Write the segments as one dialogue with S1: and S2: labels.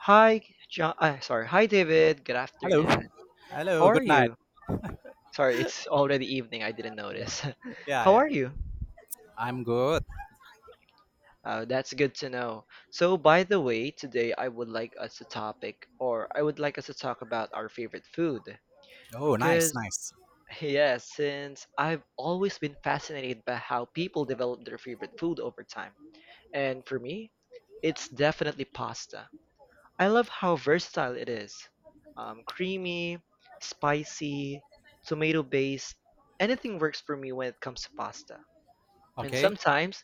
S1: Hi, John. Sorry. Hi, David. Good
S2: Hello.
S1: afternoon. How
S2: Hello.
S1: are
S2: Good night.
S1: you? Sorry, it's already evening. I didn't notice.
S2: Yeah. Yeah.
S1: How
S2: Yeah.
S1: are you?
S2: I'm good.
S1: That's good to know. So, by the way, today I would like us to topic, or I would like us to talk about our favorite food.
S2: Oh, nice.
S1: Because,
S2: Nice.
S1: yeah, since I've always been fascinated by how people develop their favorite food over time. And for me, it's definitely pasta. I love how versatile it is. Creamy, spicy, tomato based, anything works for me when it comes to pasta. And
S2: Okay.
S1: sometimes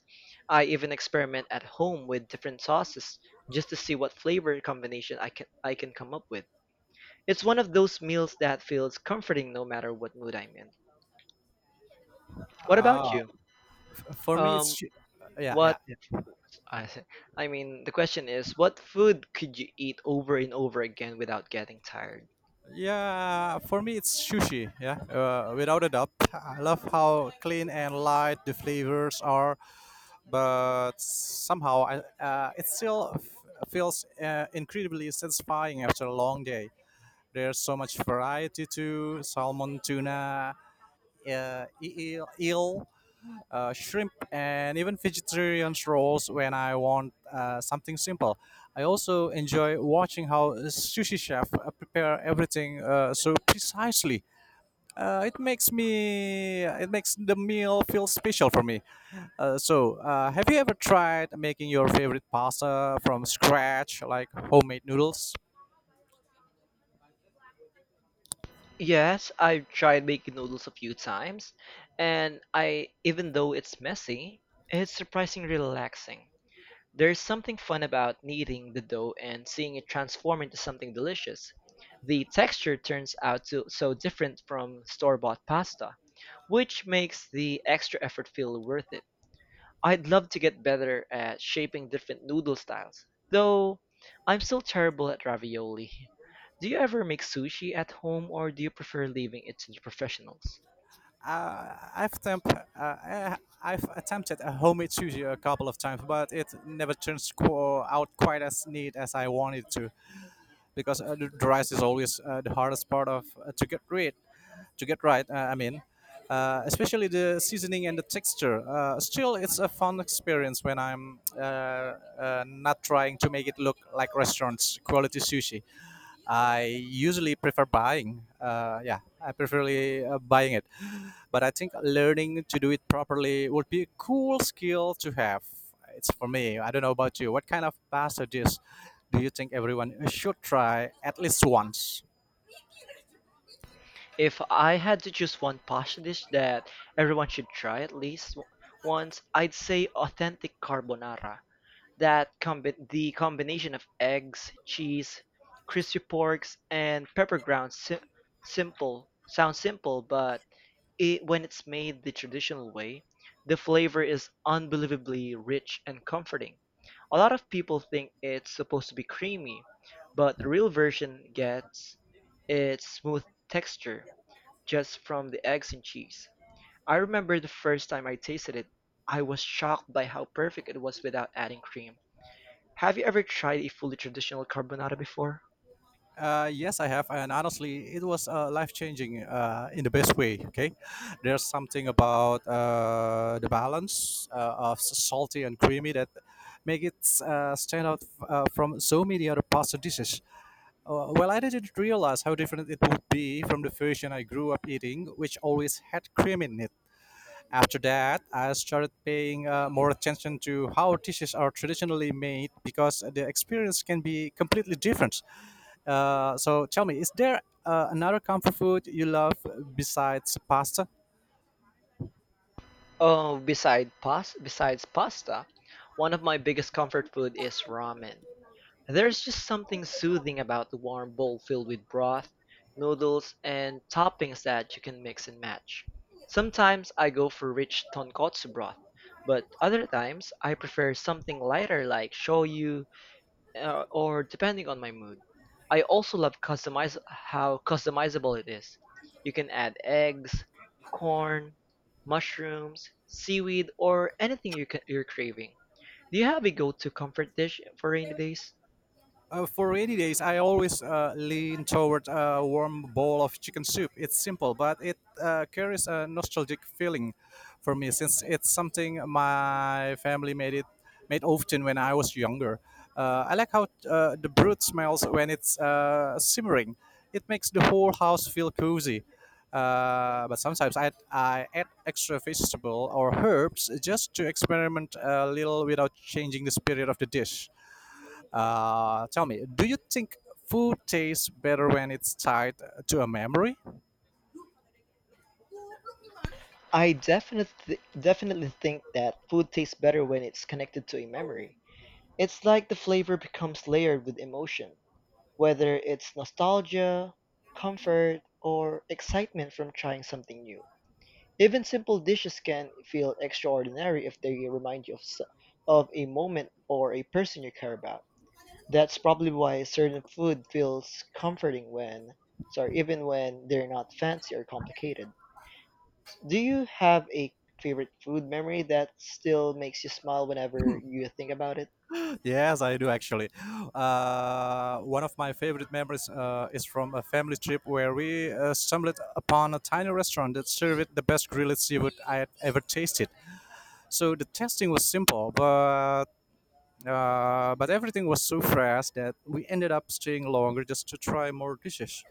S1: I even experiment at home with different sauces just to see what flavor combination I can come up with. It's one of those meals that feels comforting no matter what mood I'm in. What about
S2: Uh,
S1: you?
S2: for me, it's.
S1: Um,
S2: Sh- yeah. Yeah.
S1: What
S2: Yeah.
S1: I say- I mean, the question is, what food could you eat over and over again without getting tired?
S2: Yeah, for me it's sushi. Yeah, without a doubt. I love how clean and light the flavors are, but somehow it still feels incredibly satisfying after a long day. There's so much variety too: salmon, tuna, eel, eel, shrimp, and even vegetarian rolls when I want something simple. I also enjoy watching how a sushi chef prepare everything so precisely. It makes the meal feel special for me. So, have you ever tried making your favorite pasta from scratch, like homemade noodles?
S1: Yes, I've tried making noodles a few times, and I even though it's messy, it's surprisingly relaxing. There's something fun about kneading the dough and seeing it transform into something delicious. The texture turns out to, so different from store-bought pasta, which makes the extra effort feel worth it. I'd love to get better at shaping different noodle styles, though I'm still terrible at ravioli. Do you ever make sushi at home or do you prefer leaving it to the professionals?
S2: I've attempted a homemade sushi a couple of times, but it never turns out quite as neat as I wanted to, because the rice is always the hardest part of to get rid to get right. I mean, especially the seasoning and the texture. Still, it's a fun experience when I'm not trying to make it look like restaurants quality sushi. I usually prefer buying. Yeah, I preferly buying it. But I think learning to do it properly would be a cool skill to have. It's for me. I don't know about you. What kind of pasta dish do you think everyone should try at least once?
S1: If I had to choose one pasta dish that everyone should try at least once, I'd say authentic carbonara. The combination of eggs, cheese, crispy porks, and pepper ground simple sounds simple, but it, when it's made the traditional way, the flavor is unbelievably rich and comforting. A lot of people think it's supposed to be creamy, but the real version gets its smooth texture just from the eggs and cheese. I remember the first time I tasted it, I was shocked by how perfect it was without adding cream. Have you ever tried a fully traditional carbonara before?
S2: Yes, I have, and honestly, it was life changing in the best way. Okay, there's something about the balance of salty and creamy that make it stand out from so many other pasta dishes. Well, I didn't realize how different it would be from the version I grew up eating, which always had cream in it. After that, I started paying more attention to how dishes are traditionally made because the experience can be completely different. So, tell me, is there another comfort food you love besides pasta?
S1: Oh, besides pasta, one of my biggest comfort food is ramen. There's just something soothing about the warm bowl filled with broth, noodles, and toppings that you can mix and match. Sometimes I go for rich tonkotsu broth, but other times I prefer something lighter like shoyu or depending on my mood. I also love customize how customizable it is. You can add eggs, corn, mushrooms, seaweed, or anything you're craving. Do you have a go-to comfort dish for rainy days?
S2: For rainy days, I always lean toward a warm bowl of chicken soup. It's simple, but it carries a nostalgic feeling for me since it's something my family made often when I was younger. I like how the broth smells when it's simmering. It makes the whole house feel cozy. But sometimes I add extra vegetable or herbs just to experiment a little without changing the spirit of the dish. Tell me, do you think food tastes better when it's tied to a memory?
S1: I definitely think that food tastes better when it's connected to a memory. It's like the flavor becomes layered with emotion, whether it's nostalgia, comfort, or excitement from trying something new. Even simple dishes can feel extraordinary if they remind you of a moment or a person you care about. That's probably why certain food feels comforting when, sorry, even when they're not fancy or complicated. Do you have a favorite food memory that still makes you smile whenever you think about it?
S2: Yes, I do actually. One of my favorite memories is from a family trip where we stumbled upon a tiny restaurant that served the best grilled seafood I had ever tasted. So the tasting was simple, but everything was so fresh that we ended up staying longer just to try more dishes.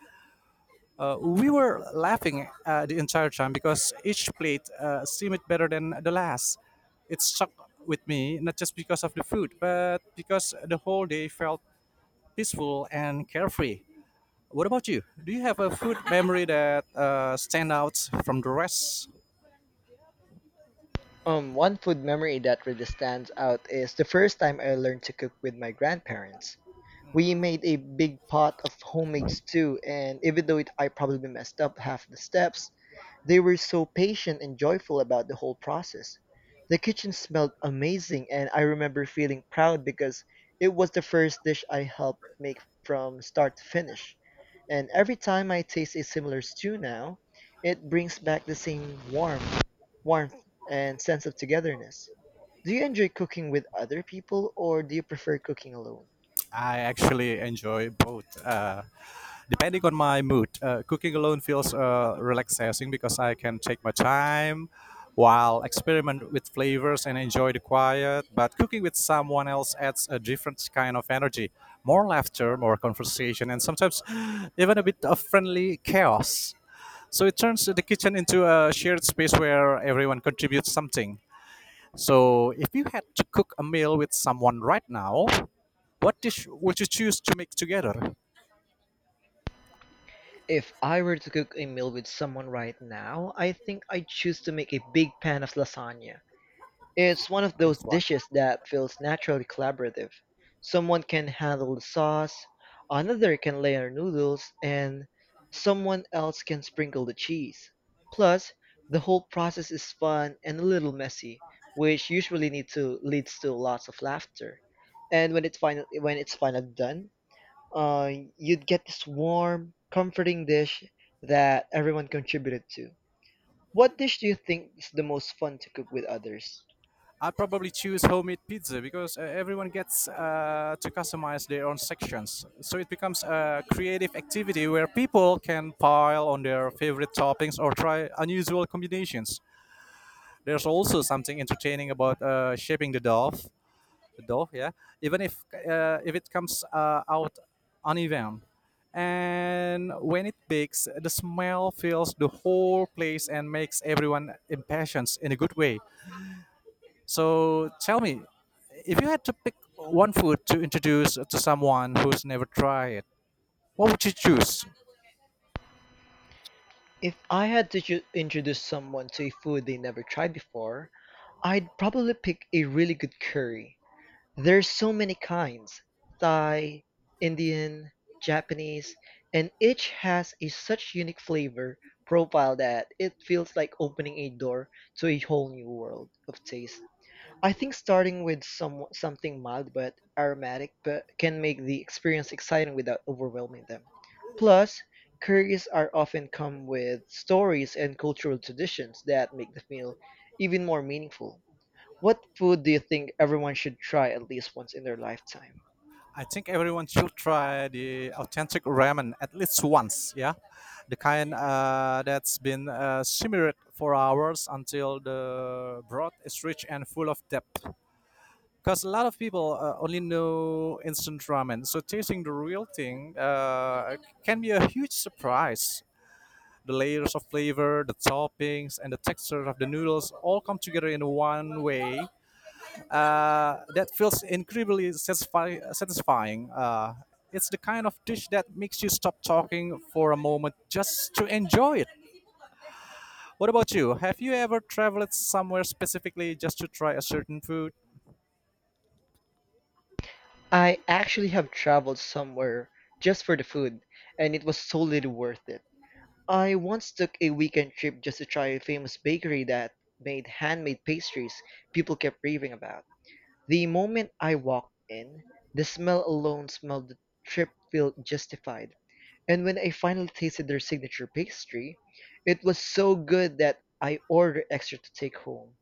S2: We were laughing the entire time because each plate seemed better than the last. It stuck with me not just because of the food, but because the whole day felt peaceful and carefree. What about you? Do you have a food memory that stand out from the rest?
S1: One food memory that really stands out is the first time I learned to cook with my grandparents. We made a big pot of homemade stew, and even though it, I probably messed up half the steps, they were so patient and joyful about the whole process. The kitchen smelled amazing, and I remember feeling proud because it was the first dish I helped make from start to finish. And every time I taste a similar stew now, it brings back the same warmth and sense of togetherness. Do you enjoy cooking with other people or do you prefer cooking alone?
S2: I actually enjoy both. Depending on my mood, cooking alone feels relaxing because I can take my time while experiment with flavors and enjoy the quiet. But cooking with someone else adds a different kind of energy, more laughter, more conversation, and sometimes even a bit of friendly chaos. So it turns the kitchen into a shared space where everyone contributes something. So if you had to cook a meal with someone right now, what dish would you choose to make together?
S1: If I were to cook a meal with someone right now, I think I'd choose to make a big pan of lasagna. It's one of those
S2: Nice one.
S1: dishes that feels naturally collaborative. Someone can handle the sauce, another can layer noodles, and someone else can sprinkle the cheese. Plus, the whole process is fun and a little messy, which leads to lots of laughter. And when it's finally done, uh, you'd get this warm, comforting dish that everyone contributed to. What dish do you think is the most fun to cook with others?
S2: I probably choose homemade pizza because everyone gets to customize their own sections. So it becomes a creative activity where people can pile on their favorite toppings or try unusual combinations. There's also something entertaining about shaping the dough though, yeah, even if it comes out uneven. And when it bakes, the smell fills the whole place and makes everyone impatient in a good way. So tell me, if you had to pick one food to introduce to someone who's never tried it, what would you choose?
S1: If I had to introduce someone to a food they never tried before, I'd probably pick a really good curry. There's so many kinds Thai, Indian, Japanese, and each has a such unique flavor profile that it feels like opening a door to a whole new world of taste. I think starting with something mild but aromatic but can make the experience exciting without overwhelming them. Plus, curries are often come with stories and cultural traditions that make the meal even more meaningful. What food do you think everyone should try at least once in their lifetime?
S2: I think everyone should try the authentic ramen at least once. Yeah, the kind that's been simmered for hours until the broth is rich and full of depth. Because a lot of people only know instant ramen, so tasting the real thing can be a huge surprise. The layers of flavor, the toppings, and the texture of the noodles all come together in one way that feels incredibly satisfying. It's the kind of dish that makes you stop talking for a moment just to enjoy it. What about you? Have you ever traveled somewhere specifically just to try a certain food?
S1: I actually have traveled somewhere just for the food, and it was totally worth it. I once took a weekend trip just to try a famous bakery that made handmade pastries people kept raving about. The moment I walked in, the smell alone smelled the trip Feel justified. And when I finally tasted their signature pastry, it was so good that I ordered extra to take home.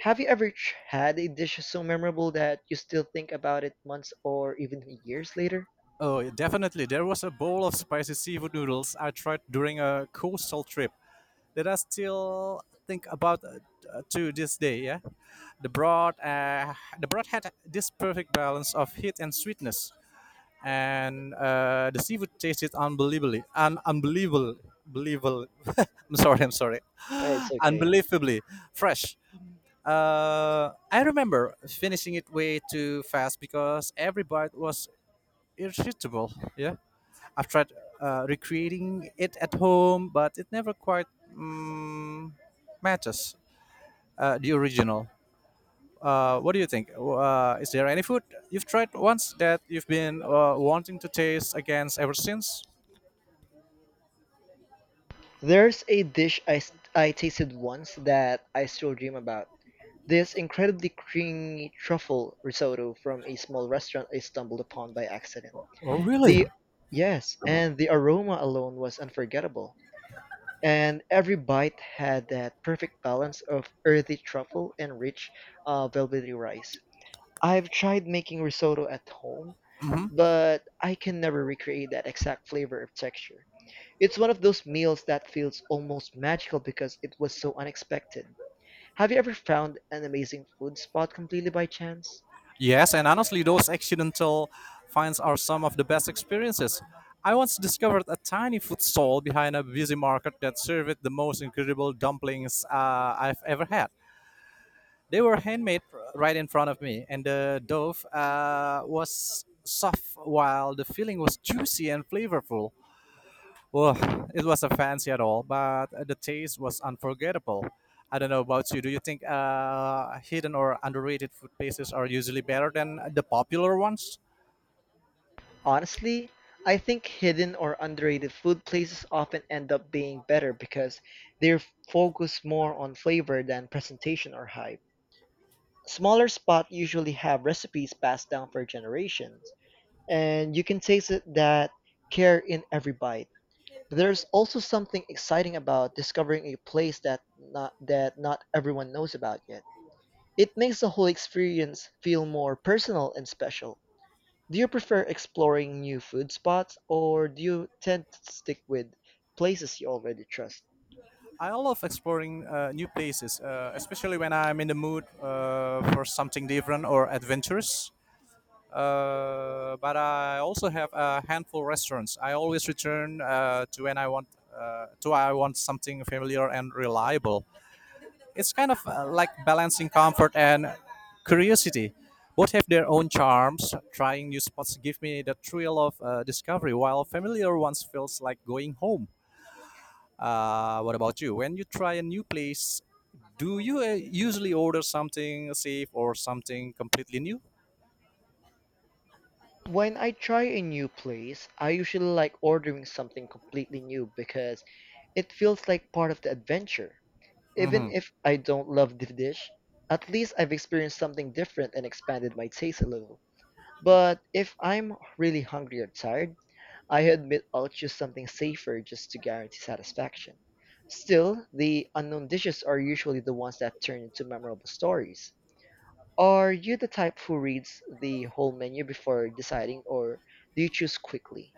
S1: Have you ever had a dish so memorable that you still think about it months or even years later?
S2: Oh, yeah, definitely. There was a bowl of spicy seafood noodles I tried during a coastal trip that I still think about to this day. Yeah, the broth, uh, the broth had this perfect balance of heat and sweetness, and the seafood taste is unbelievably un- unbelievable believable I'm sorry. I'm sorry.
S1: It's okay.
S2: Unbelievably fresh. I remember finishing it way too fast because every bite was irresistible. Yeah, I've tried recreating it at home, but it never quite mm, matches the original. What do you think? Is there any food you've tried once that you've been wanting to taste against ever since?
S1: There's a dish I tasted once that I still dream about. This incredibly creamy truffle risotto from a small restaurant I stumbled upon by accident.
S2: Oh, really?
S1: The yes, and the aroma alone was unforgettable. And every bite had that perfect balance of earthy truffle and rich, velvety rice. I've tried making risotto at home
S2: Hmm.
S1: but I can never recreate that exact flavor or texture. It's one of those meals that feels almost magical because it was so unexpected. Have you ever found an amazing food spot completely by chance?
S2: Yes, and honestly, those accidental finds are some of the best experiences. I once discovered a tiny food stall behind a busy market that served the most incredible dumplings I've ever had. They were handmade right in front of me, and the dough was soft while the filling was juicy and flavorful. Well, it wasn't fancy at all, but the taste was unforgettable. I don't know about you. Do you think hidden or underrated food places are usually better than the popular ones?
S1: Honestly, I think hidden or underrated food places often end up being better because they're focused more on flavor than presentation or hype. Smaller spots usually have recipes passed down for generations, and you can taste it that care in every bite. But there's also something exciting about discovering a place that not everyone knows about yet. It makes the whole experience feel more personal and special. Do you prefer exploring new food spots or do you tend to stick with places you already trust?
S2: I love exploring new places, especially when I'm in the mood for something different or adventurous. But I also have a handful restaurants. I always return to when I want to I want something familiar and reliable. It's kind of like balancing comfort and curiosity. Both have their own charms. Trying new spots give me the thrill of discovery, while familiar ones feels like going home. What about you? When you try a new place, do you usually order something safe or something completely new?
S1: When I try a new place, I usually like ordering something completely new because it feels like part of the adventure. Even
S2: Hmm.
S1: if I don't love the dish, at least I've experienced something different and expanded my taste a little. But if I'm really hungry or tired, I admit I'll choose something safer just to guarantee satisfaction. Still, the unknown dishes are usually the ones that turn into memorable stories. Are you the type who reads the whole menu before deciding, or do you choose quickly?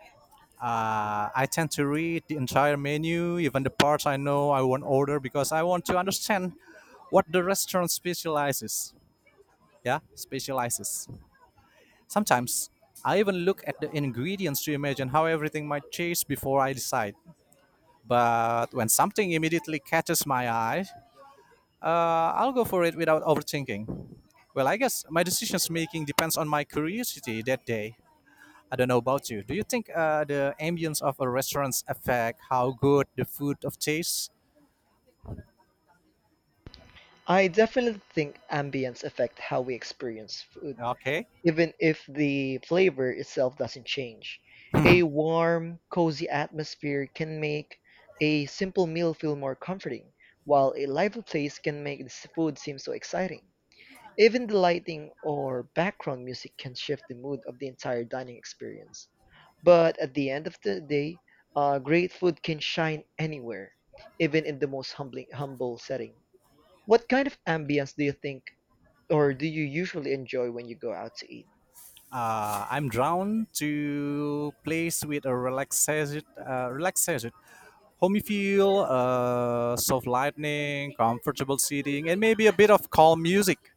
S2: I tend to read the entire menu, even the parts I know I won't order, because I want to understand what the restaurant specializes. Yeah, specializes. Sometimes I even look at the ingredients to imagine how everything might taste before I decide. But when something immediately catches my eye, I'll go for it without overthinking. Well, I guess my decisions making depends on my curiosity that day. I don't know about you. Do you think the ambience of a restaurant affect how good the food of tastes?
S1: I definitely think ambience affect how we experience food,
S2: Okay.
S1: even if the flavor itself doesn't change. A warm, cozy atmosphere can make a simple meal feel more comforting, while a lively place can make the food seem so exciting. Even the lighting or background music can shift the mood of the entire dining experience. But at the end of the day, great food can shine anywhere, even in the most humble setting. What kind of ambience do you think, or do you usually enjoy when you go out to eat?
S2: I'm drawn to place with a relaxation, homey feel, soft lighting, comfortable seating, and maybe a bit of calm music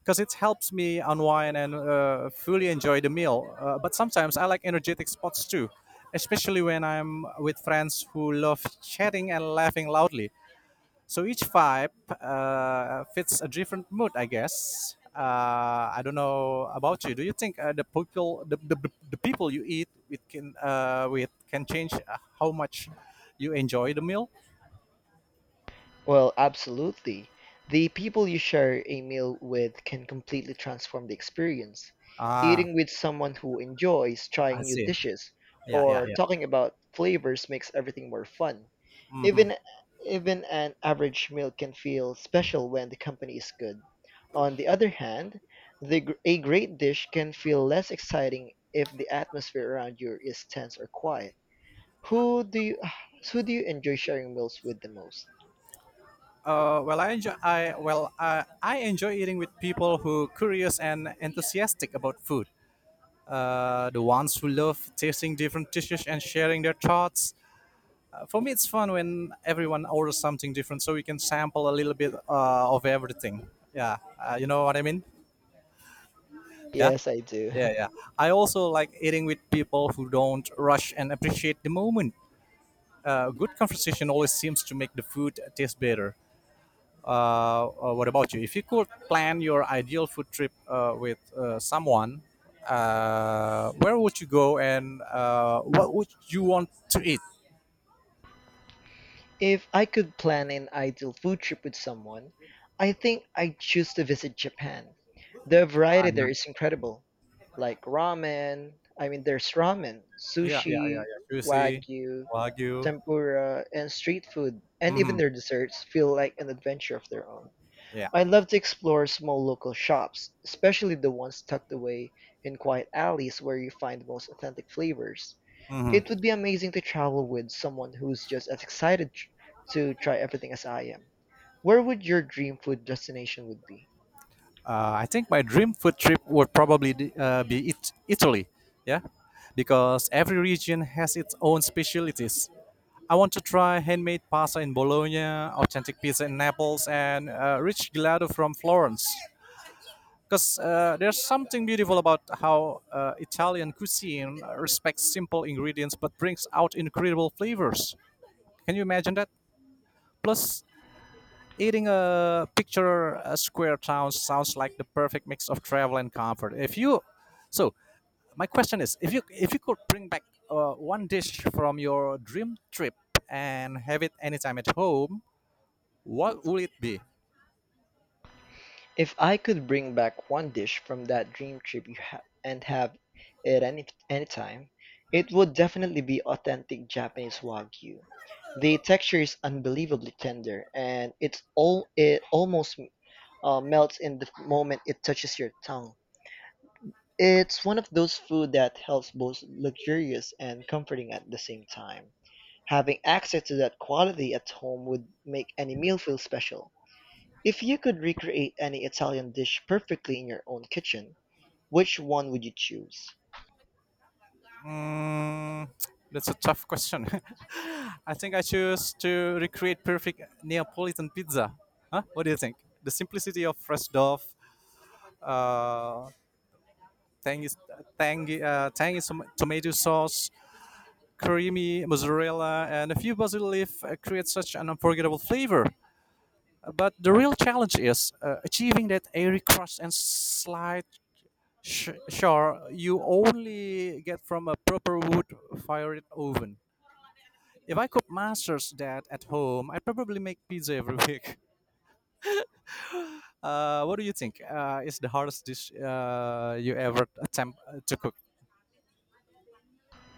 S2: because it helps me unwind and fully enjoy the meal. But sometimes I like energetic spots too, especially when I'm with friends who love chatting and laughing loudly. So each vibe fits a different mood, I guess. I don't know about you. Do you think the people you eat with can change how much you enjoy the meal?
S1: Well, absolutely. The people you share a meal with can completely transform the experience.
S2: Ah,
S1: Eating with someone who enjoys
S2: I
S1: trying new
S2: see.
S1: dishes
S2: Yeah, yeah,
S1: or
S2: yeah.
S1: talking about flavors makes everything more fun.
S2: Hmm.
S1: Even even an average meal can feel special when the company is good. On the other hand, a great dish can feel less exciting if the atmosphere around you is tense or quiet. Who do you, who do you enjoy sharing meals with the most?
S2: I enjoy eating with people who curious and enthusiastic about food. The ones who love tasting different dishes and sharing their thoughts for me, it's fun when everyone orders something different, so we can sample a little bit of everything. Yeah, you know what I mean? Yeah,
S1: Yes, I do.
S2: yeah, yeah. I also like eating with people who don't rush and appreciate the moment. Good conversation always seems to make the food taste better. What about you? If you could plan your ideal food trip with someone, where would you go and what would you want to eat?
S1: If I could plan an ideal food trip with someone, I think I'd choose to visit Japan. The variety there is incredible. I mean, there's ramen,
S2: Yeah, yeah, yeah,
S1: sushi,
S2: yeah. Sushi,
S1: wagyu,
S2: wagyu.
S1: tempura, and street food, and even
S2: Hmm.
S1: their desserts feel like an adventure of their own.
S2: Yeah.
S1: I love to explore small local shops, especially the ones tucked away in quiet alleys where you find the most authentic flavors.
S2: Hmm.
S1: It would be amazing to travel with someone who's just as to try everything as I am. Where would your dream food destination would be?
S2: I think my dream food trip would probably be Italy. Yeah, because every region has its own specialities. I want to try handmade pasta in Bologna, authentic pizza in Naples, and rich gelato from Florence. Because there's something beautiful about how Italian cuisine respects simple ingredients but brings out incredible flavors. Can you imagine that? Plus, eating a picture a square town sounds like the perfect mix of travel and comfort. If you, so my question is, if you could bring back one dish from your dream trip and have it anytime at home, what would it be?
S1: If I could bring back one dish from that dream trip and have it anytime, it would definitely be authentic Japanese wagyu. The texture is unbelievably tender, and it almost melts in the moment it touches your tongue. It's one of those food that helps both luxurious and comforting at the same time. Having access to that quality at home would make any meal feel special. If you could recreate any Italian dish perfectly in your own kitchen, which one would you choose?
S2: Mm, that's a tough question. I think I choose to recreate perfect Neapolitan pizza. Huh? What do you think? The simplicity of fresh dough, uh, tangy, tomato sauce, creamy mozzarella, and a few basil leaf create such an unforgettable flavor. But the real challenge is achieving that airy crust and slight char you only get from a proper wood-fired oven. If I could master that at home, I'd probably make pizza every week. What do you think? Is the hardest dish you ever attempt to cook?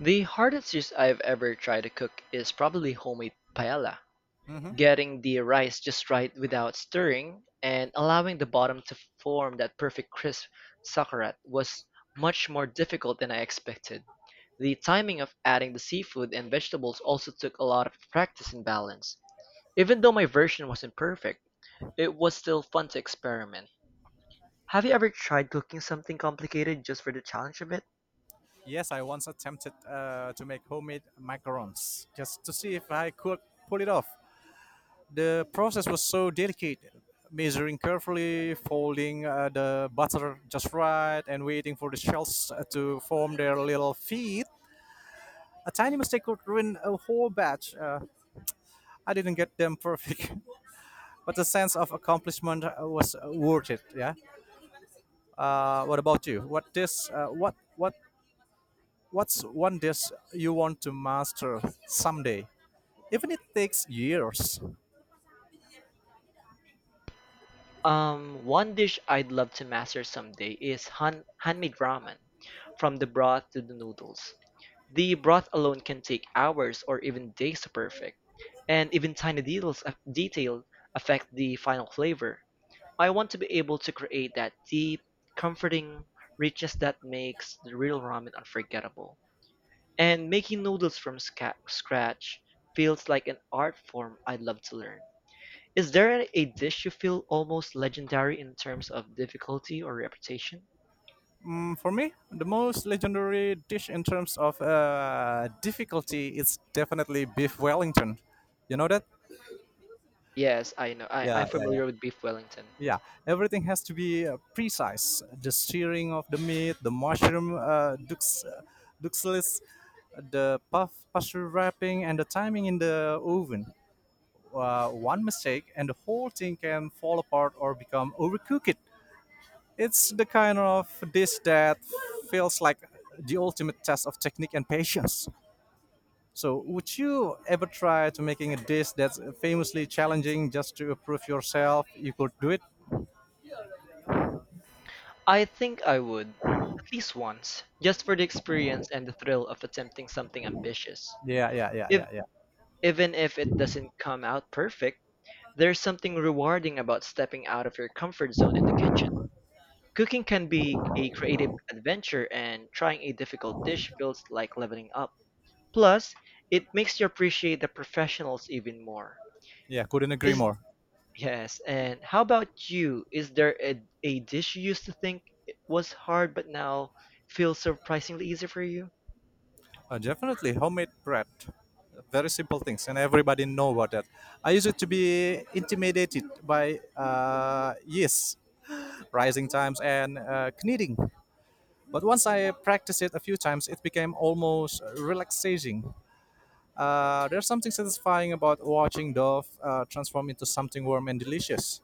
S1: The hardest dish I've ever tried to cook is probably homemade paella.
S2: Hmm
S1: Getting the rice just right without stirring and allowing the bottom to form that perfect crisp sauerkraut was much more difficult than I expected. The timing of adding the seafood and vegetables also took a lot of practice and balance. Even though my version wasn't perfect, it was still fun to experiment. Have you ever tried cooking something complicated just for the challenge of it?
S2: Yes, I once attempted to make homemade macarons just to see if I could pull it off. The process was so delicate, measuring carefully, folding the butter just right, and waiting for the shells to form their little feet. A tiny mistake could ruin a whole batch. I didn't get them perfect, but the sense of accomplishment was worth it. Yeah. What about you? What this? What What's one dish you want to master someday? Even it takes years.
S1: One dish I'd love to master someday is handmade ramen, from the broth to the noodles. The broth alone can take hours or even days to perfect, and even tiny detail affect the final flavor. I want to be able to create that deep, comforting richness that makes the real ramen unforgettable. And making noodles from scratch feels like an art form I'd love to learn. Is there a dish you feel almost legendary in terms of difficulty or reputation?
S2: For me, the most legendary dish in terms of difficulty is definitely beef Wellington. You know that?
S1: Yes, I know.
S2: Yeah,
S1: I'm
S2: yeah, yeah.
S1: familiar with beef Wellington.
S2: Yeah, everything has to be precise. The searing of the meat, the mushroom duxelles, the puff pastry wrapping, and the timing in the oven. One mistake, and the whole thing can fall apart or become overcooked. It's the kind of dish that feels like the ultimate test of technique and patience. So, would you ever try to making a dish that's famously challenging just to prove yourself you could do it?
S1: I think I would, at least once, just for the experience and the thrill of attempting something ambitious.
S2: Yeah, yeah, yeah,
S1: If
S2: yeah, yeah.
S1: Even if it doesn't come out perfect, there's something rewarding about stepping out of your comfort zone in the kitchen. Cooking can be a creative adventure, and trying a difficult dish feels like leveling up. Plus, it makes you appreciate the professionals even more.
S2: Yeah, couldn't agree
S1: Is
S2: more.
S1: Yes, and how about you? Is there a dish you used to think it was hard but now feels surprisingly easy for you?
S2: Definitely homemade bread. Very simple things, and everybody know about that. I used to be intimidated by yeast, rising times, and kneading. But once I practiced it a few times, it became almost relaxing. There's something satisfying about watching dough transform into something warm and delicious.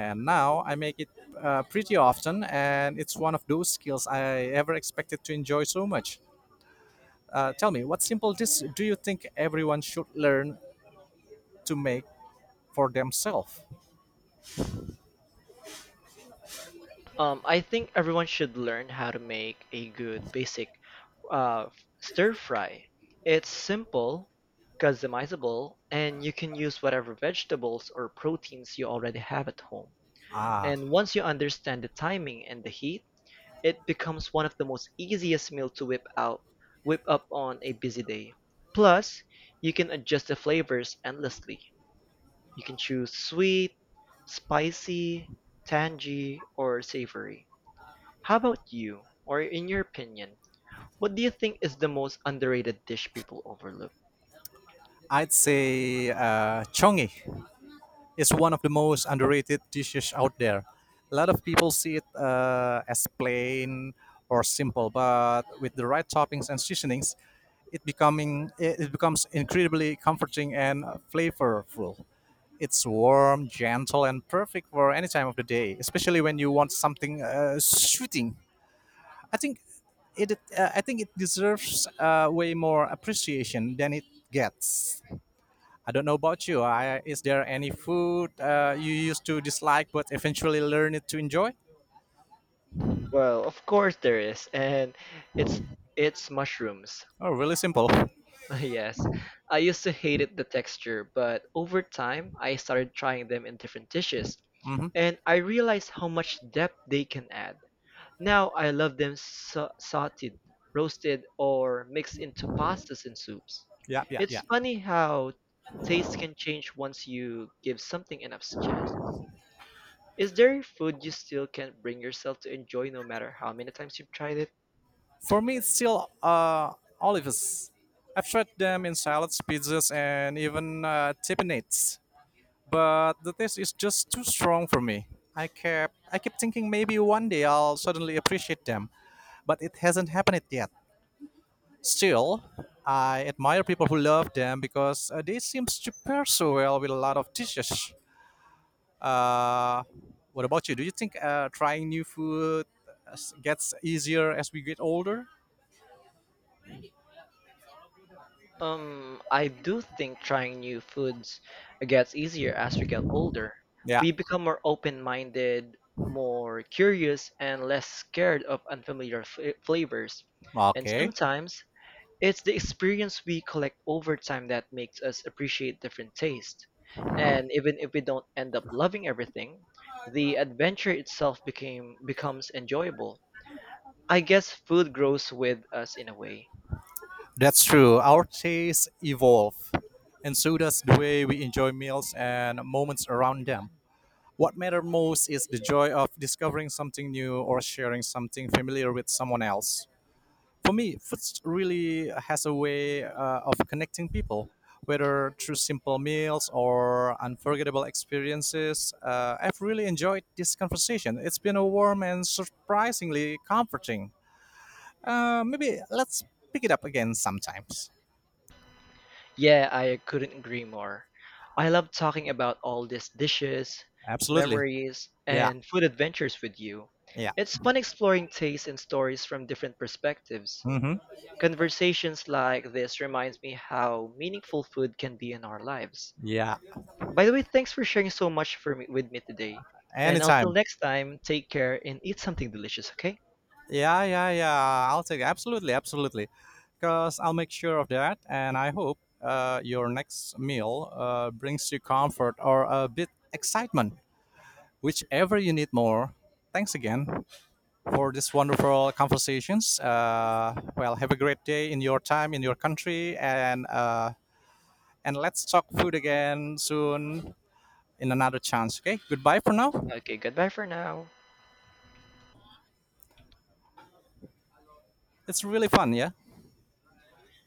S2: And now I make it pretty often, and it's one of those skills I ever expected to enjoy so much. Tell me, what simple dish do you think everyone should learn to make for themselves?
S1: I think everyone should learn how to make a good basic uh, stir fry. It's simple, customizable, and you can use whatever vegetables or proteins you already have at home.
S2: Ah,
S1: And once you understand the timing and the heat, it becomes one of the most easiest meal to whip up on a busy day. Plus, you can adjust the flavors endlessly. You can choose sweet, spicy, tangy, or savory. How about you, or in your opinion, what do you think is the most underrated dish people overlook?
S2: I'd say chongi. It's one of the most underrated dishes out there. A lot of people see it as plain or simple, but with the right toppings and seasonings, it becoming it it becomes incredibly comforting and flavorful. It's warm, gentle, and perfect for any time of the day, especially when you want something soothing. I think it I think it deserves way more appreciation than it gets. I don't know about you. Is there any food you used to dislike but eventually learned to enjoy?
S1: Well, of course there is, and it's it's mushrooms.
S2: Oh, really simple.
S1: Yes, I used to hated the texture, but over time I started trying them in different dishes,
S2: Hmm
S1: and I realized how much depth they can add. Now I love them sauteed, roasted, or mixed into pastas and soups.
S2: Yeah, yeah,
S1: It's
S2: yeah.
S1: funny how taste can change once you give something enough chances. Is there food you still can't bring yourself to enjoy no matter how many times you've tried it?
S2: For me, it's still olives. I've tried them in salads, pizzas, and even tippinates, but the taste is just too strong for me. I kept thinking maybe one day I'll suddenly appreciate them, but it hasn't happened yet. Still, I admire people who love them because they seem to pair so well with a lot of dishes. Uh, what about you? Do you think trying new food gets easier as we get older?
S1: I do think trying new foods gets easier as we get older.
S2: Yeah,
S1: We become more open-minded, more curious, and less scared of unfamiliar flavors. And
S2: okay.
S1: sometimes it's the experience we collect over time that makes us appreciate different tastes. And even if we don't end up loving everything, the adventure itself became becomes enjoyable. I guess food grows with us in a way.
S2: That's true. Our tastes evolve, and so does the way we enjoy meals and moments around them. What matters most is the joy of discovering something new or sharing something familiar with someone else. For me, food really has a way of connecting people, whether through simple meals or unforgettable experiences. I've really enjoyed this conversation. It's been a warm and surprisingly comforting. Maybe let's pick it up again sometimes.
S1: Yeah, I couldn't agree more. I love talking about all these dishes,
S2: Absolutely.
S1: memories,
S2: Yeah.
S1: and food adventures with you.
S2: Yeah.
S1: It's fun exploring tastes and stories from different perspectives.
S2: hmm
S1: Conversations like this reminds me how meaningful food can be in our lives.
S2: Yeah.
S1: By the way, thanks for sharing so much for me, with me today. And until
S2: Anytime.
S1: next time, take care and eat something delicious, okay?
S2: Yeah, yeah, yeah. I'll take absolutely, absolutely, because I'll make sure of that. And I hope your next meal brings you comfort or a bit excitement, whichever you need more. Thanks again for this wonderful conversations. Well, have a great day in your time in your country, and let's talk food again soon in another chance. Okay, goodbye for now.
S1: Okay, goodbye for now.
S2: It's really fun, yeah.